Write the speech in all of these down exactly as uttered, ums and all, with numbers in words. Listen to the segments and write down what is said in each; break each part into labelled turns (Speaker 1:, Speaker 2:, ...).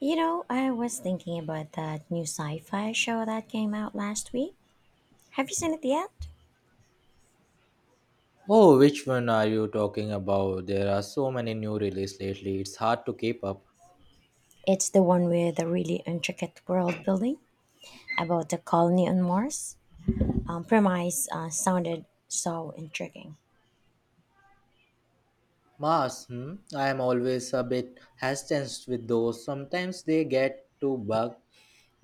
Speaker 1: You know, I was thinking about that new sci fi show that came out last week. Have you seen it yet?
Speaker 2: Oh, which one are you talking about? There are so many new releases lately, it's hard to keep up.
Speaker 1: It's the one with the really intricate world building about the colony on Mars. Um, premise uh, sounded so intriguing.
Speaker 2: Mars, hmm? I am always a bit hesitant with those. Sometimes they get too bogged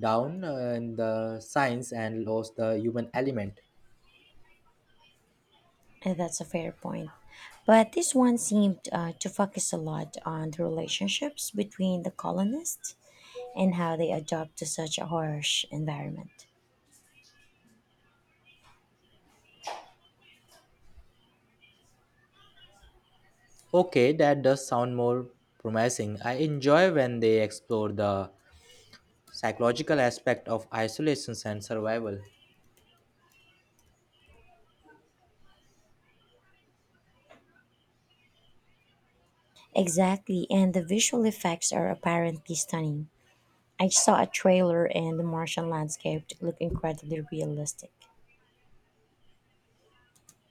Speaker 2: down uh, in the science and lost the human element.
Speaker 1: And that's a fair point. But this one seemed uh, to focus a lot on the relationships between the colonists and how they adapt to such a harsh environment.
Speaker 2: Okay, that does sound more promising. I enjoy when they explore the psychological aspect of isolation and survival.
Speaker 1: Exactly, and the visual effects are apparently stunning. I saw a trailer and the Martian landscape looked incredibly realistic.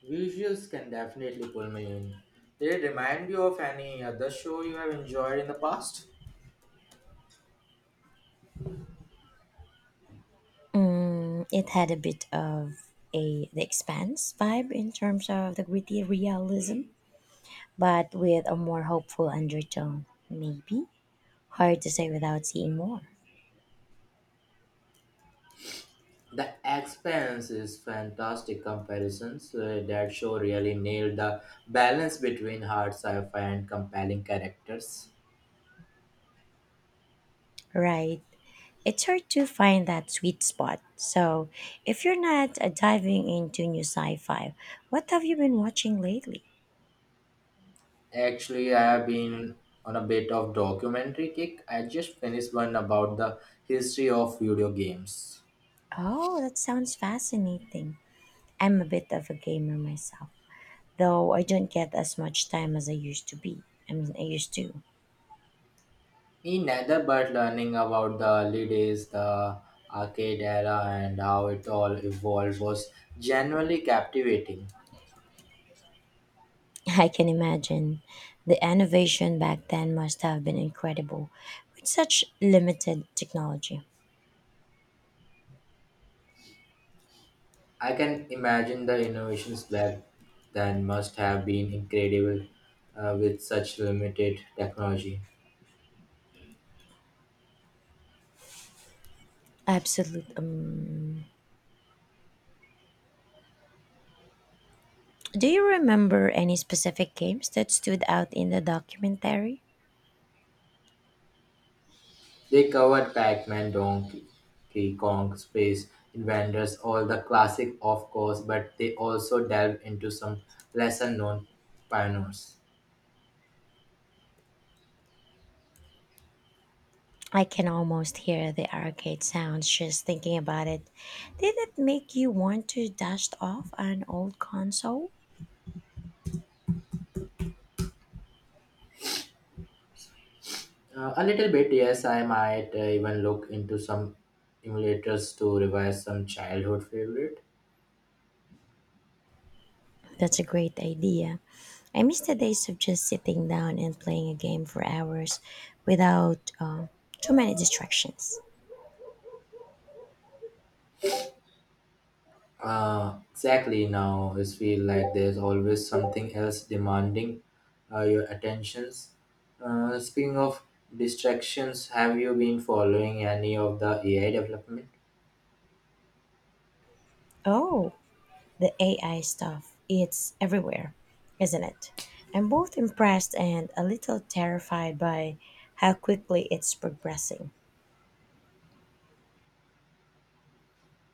Speaker 2: Visuals can definitely pull me in. Did it remind you of any other show you have enjoyed in the past?
Speaker 1: It had a bit of a The Expanse vibe in terms of the gritty realism, but with a more hopeful undertone. Maybe hard to say without seeing more.
Speaker 2: The Expanse is fantastic comparisons. Uh, that show really nailed the balance between hard sci-fi and compelling characters.
Speaker 1: Right. It's hard to find that sweet spot. So, if you're not uh, diving into new sci-fi, what have you been watching lately?
Speaker 2: Actually, I have been on a bit of documentary kick. I just finished one about the history of video games.
Speaker 1: Oh, that sounds fascinating. I'm a bit of a gamer myself, though I don't get as much time as I used to be. I mean, I used to.
Speaker 2: Me neither, but learning about the early days, the arcade era, and how it all evolved was genuinely captivating.
Speaker 1: I can imagine. The innovation back then must have been incredible with such limited technology.
Speaker 2: I can imagine the innovations back then must have been incredible uh, with such limited technology.
Speaker 1: Absolute. Um, do you remember any specific games that stood out in the documentary?
Speaker 2: They covered Pac Man, Donkey Kong, Space Invaders, all the classic, of course, but they also delved into some lesser known pioneers.
Speaker 1: I can almost hear the arcade sounds just thinking about it. Did it make you want to dust off an old console?
Speaker 2: Uh, a little bit, yes. I might uh, even look into some emulators to revise some childhood favorite.
Speaker 1: That's a great idea. I miss the days of just sitting down and playing a game for hours without uh, too many distractions.
Speaker 2: Uh, exactly now, it feel like there's always something else demanding uh, your attentions. Uh, speaking of distractions, have you been following any of the A I development?
Speaker 1: Oh, the A I stuff. It's everywhere, isn't it? I'm both impressed and a little terrified by how quickly it's progressing.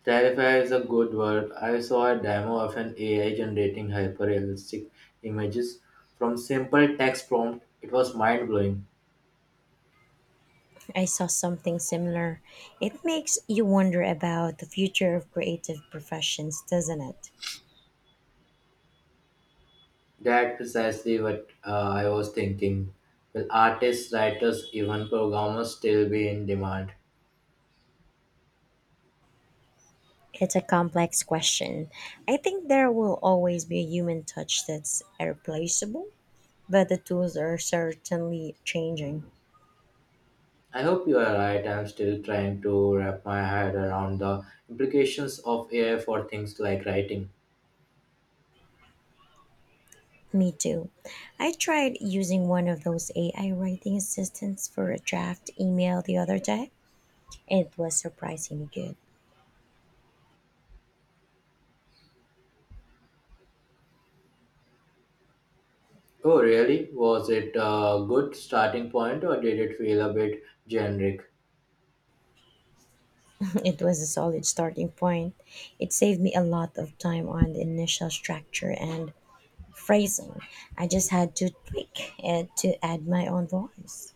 Speaker 2: Terrify is a good word. I saw a demo of an A I generating hyper-realistic images from simple text prompt. It was mind-blowing.
Speaker 1: I saw something similar. It makes you wonder about the future of creative professions, doesn't it?
Speaker 2: That precisely what uh, I was thinking. Will artists, writers, even programmers still be in demand?
Speaker 1: It's a complex question. I think there will always be a human touch that's irreplaceable, but the tools are certainly changing.
Speaker 2: I hope you are right. I'm still trying to wrap my head around the implications of A I for things like writing.
Speaker 1: Me too. I tried using one of those A I writing assistants for a draft email the other day. It was surprisingly good.
Speaker 2: Oh, really? Was it a good starting point or did it feel a bit generic?
Speaker 1: It was a solid starting point. It saved me a lot of time on the initial structure and phrasing. I just had to tweak it to add my own voice.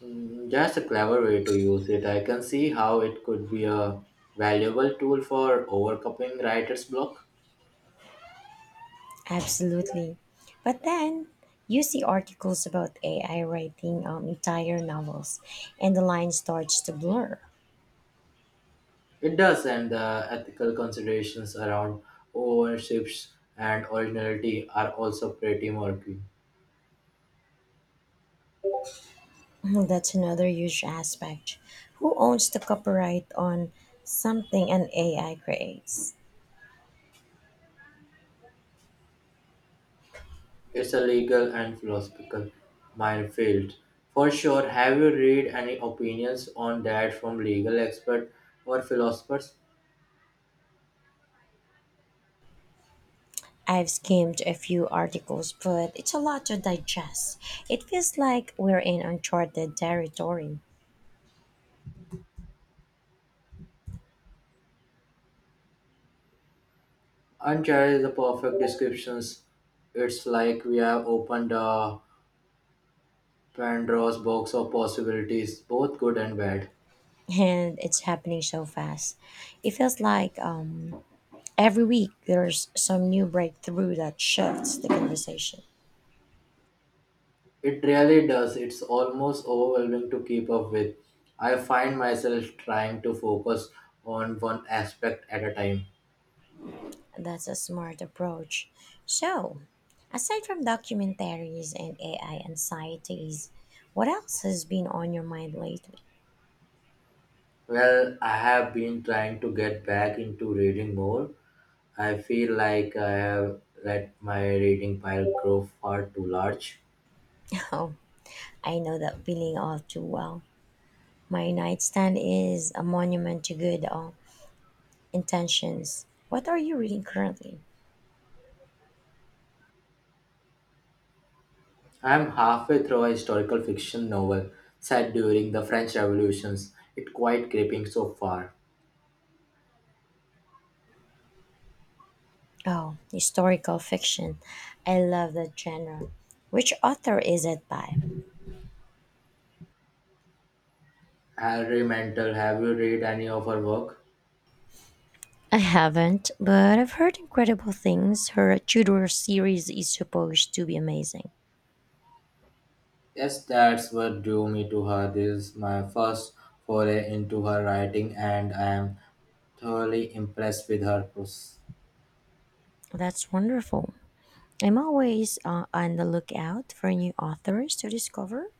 Speaker 2: Mm, that's a clever way to use it. I can see how it could be a valuable tool for overcoming writer's block.
Speaker 1: Absolutely. But then you see articles about A I writing um, entire novels, and the line starts to blur.
Speaker 2: It does, and the ethical considerations around ownerships and originality are also pretty murky.
Speaker 1: That's another huge aspect. Who owns the copyright on something an A I creates?
Speaker 2: It's a legal and philosophical minefield. For sure, have you read any opinions on that from legal experts or philosophers?
Speaker 1: I've skimmed a few articles, but it's a lot to digest. It feels like we're in uncharted territory.
Speaker 2: Uncharted is the perfect descriptions. It's like we have opened a Pandora's box of possibilities, both good and bad.
Speaker 1: And it's happening so fast. It feels like um, every week there's some new breakthrough that shifts the conversation.
Speaker 2: It really does. It's almost overwhelming to keep up with. I find myself trying to focus on one aspect at a time.
Speaker 1: That's a smart approach. So, aside from documentaries and A I anxieties, what else has been on your mind lately?
Speaker 2: Well, I have been trying to get back into reading more. I feel like I have let my reading pile grow far too large.
Speaker 1: Oh, I know that feeling all too well. My nightstand is a monument to good uh, intentions. What are you reading currently?
Speaker 2: I am halfway through a historical fiction novel set during the French Revolutions. It's quite gripping so far.
Speaker 1: Oh, historical fiction. I love that genre. Which author is it by?
Speaker 2: Hilary Mantel, have you read any of her work?
Speaker 1: I haven't, but I've heard incredible things. Her Tudor series is supposed to be amazing.
Speaker 2: Yes, that's what drew me to her. This is my first foray into her writing, and I am thoroughly impressed with her prose.
Speaker 1: That's wonderful. I'm always uh, on the lookout for new authors to discover.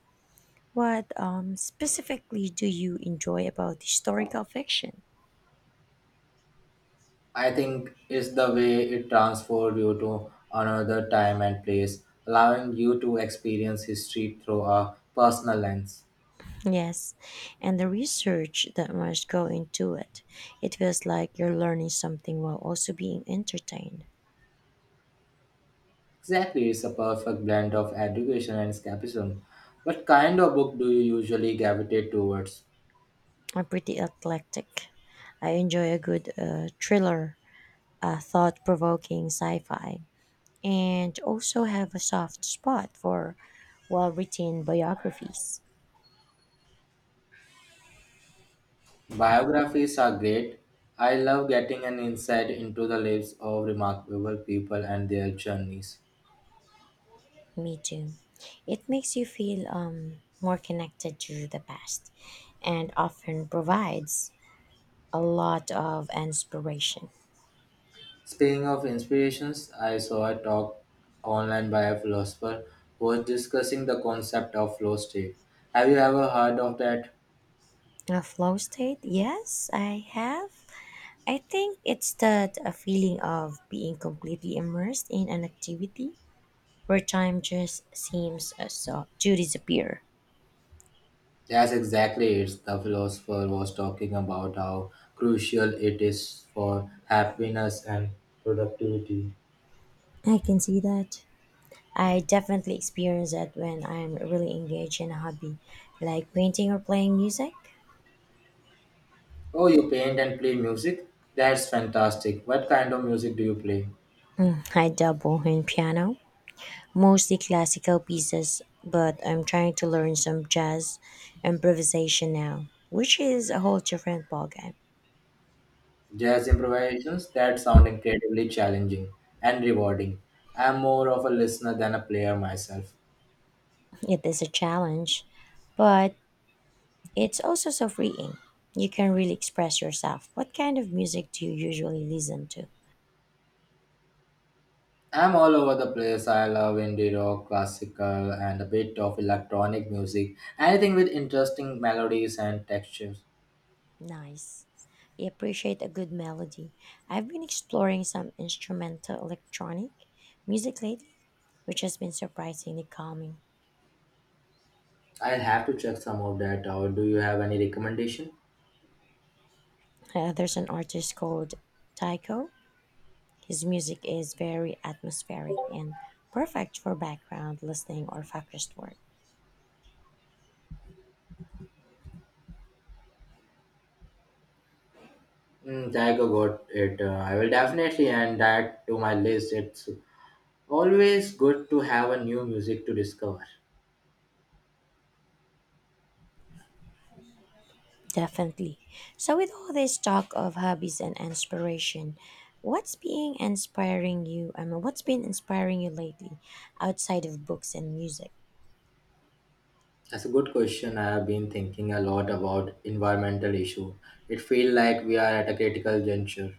Speaker 1: What um, specifically do you enjoy about historical fiction?
Speaker 2: I think it's the way it transforms you to another time and place, allowing you to experience history through a personal lens.
Speaker 1: Yes, and the research that must go into it. It feels like you're learning something while also being entertained.
Speaker 2: Exactly, it's a perfect blend of education and escapism. What kind of book do you usually gravitate towards?
Speaker 1: I'm pretty eclectic. I enjoy a good uh, thriller, uh, thought provoking sci fi, and also have a soft spot for well written biographies.
Speaker 2: Biographies are great. I love getting an insight into the lives of remarkable people and their journeys.
Speaker 1: Me too. It makes you feel um, more connected to the past and often provides a lot of inspiration.
Speaker 2: Speaking of inspirations, I saw a talk online by a philosopher who was discussing the concept of flow state. Have you ever heard of that?
Speaker 1: A flow state, yes, I have. I think it's that a feeling of being completely immersed in an activity where time just seems uh, so to disappear.
Speaker 2: Yes, exactly. It's the philosopher was talking about how crucial it is for happiness and productivity.
Speaker 1: I can see that. I definitely experience that when I'm really engaged in a hobby, like painting or playing music.
Speaker 2: Oh, you paint and play music? That's fantastic. What kind of music do you play?
Speaker 1: I dabble in piano, mostly classical pieces, but I'm trying to learn some jazz improvisation now, which is a whole different ballgame.
Speaker 2: Jazz improvisations that sound incredibly challenging and rewarding. I'm more of a listener than a player myself.
Speaker 1: It is a challenge, but it's also so freeing. You can really express yourself. What kind of music do you usually listen to?
Speaker 2: I'm all over the place. I love indie rock, classical, and a bit of electronic music. Anything with interesting melodies and textures.
Speaker 1: Nice. I appreciate a good melody. I've been exploring some instrumental electronic music lately, which has been surprisingly calming.
Speaker 2: I'll have to check some of that out. Do you have any recommendation?
Speaker 1: Uh, there's an artist called Tycho. His music is very atmospheric and perfect for background listening or focused work.
Speaker 2: Mm, Tiger got it. Uh, I will definitely add that to my list. It's always good to have a new music to discover.
Speaker 1: Definitely. So, with all this talk of hobbies and inspiration, what's being inspiring you? I mean, what's been inspiring you lately outside of books and music?
Speaker 2: That's a good question. I have been thinking a lot about environmental issue. It feels like we are at a critical juncture.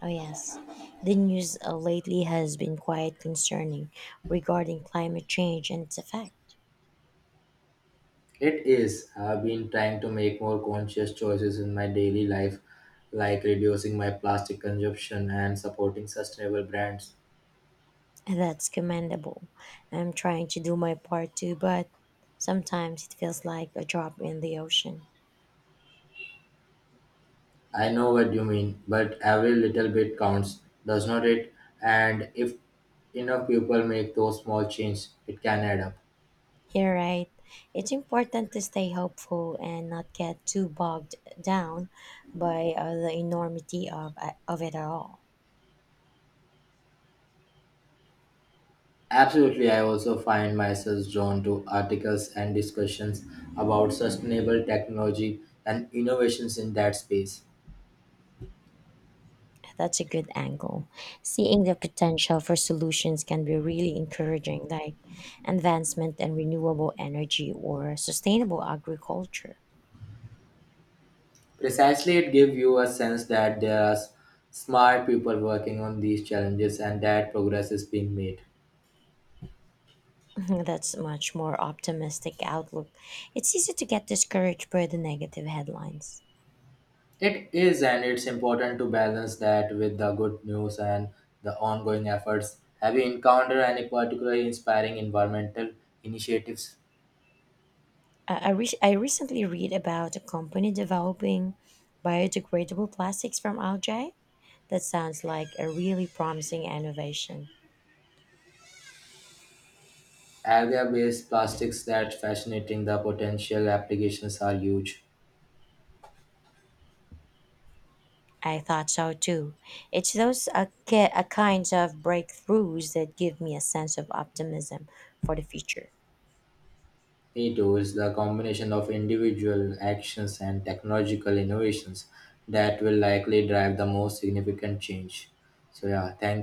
Speaker 1: Oh, yes. The news uh, lately has been quite concerning regarding climate change and its effect.
Speaker 2: It is. I have been trying to make more conscious choices in my daily life, like reducing my plastic consumption and supporting sustainable brands.
Speaker 1: And that's commendable. I'm trying to do my part too, but sometimes it feels like a drop in the ocean.
Speaker 2: I know what you mean, but every little bit counts, does not it? And if enough people make those small changes, it can add up.
Speaker 1: You're right. It's important to stay hopeful and not get too bogged down by uh, the enormity of, uh, of it all.
Speaker 2: Absolutely, I also find myself drawn to articles and discussions about sustainable technology and innovations in that space.
Speaker 1: That's a good angle. Seeing the potential for solutions can be really encouraging, like advancement in renewable energy or sustainable agriculture.
Speaker 2: Precisely, it gives you a sense that there are s- smart people working on these challenges and that progress is being made.
Speaker 1: Mhm. That's a much more optimistic outlook. It's easy to get discouraged by the negative headlines.
Speaker 2: It is, and it's important to balance that with the good news and the ongoing efforts. Have you encountered any particularly inspiring environmental initiatives?
Speaker 1: I, I, re- I recently read about a company developing biodegradable plastics from algae. That sounds like a really promising innovation.
Speaker 2: Alga-based plastics that's fascinating. The potential applications are huge.
Speaker 1: I thought so too. It's those a ki- uh, kinds of breakthroughs that give me a sense of optimism for the future.
Speaker 2: It is the combination of individual actions and technological innovations that will likely drive the most significant change. So yeah, thank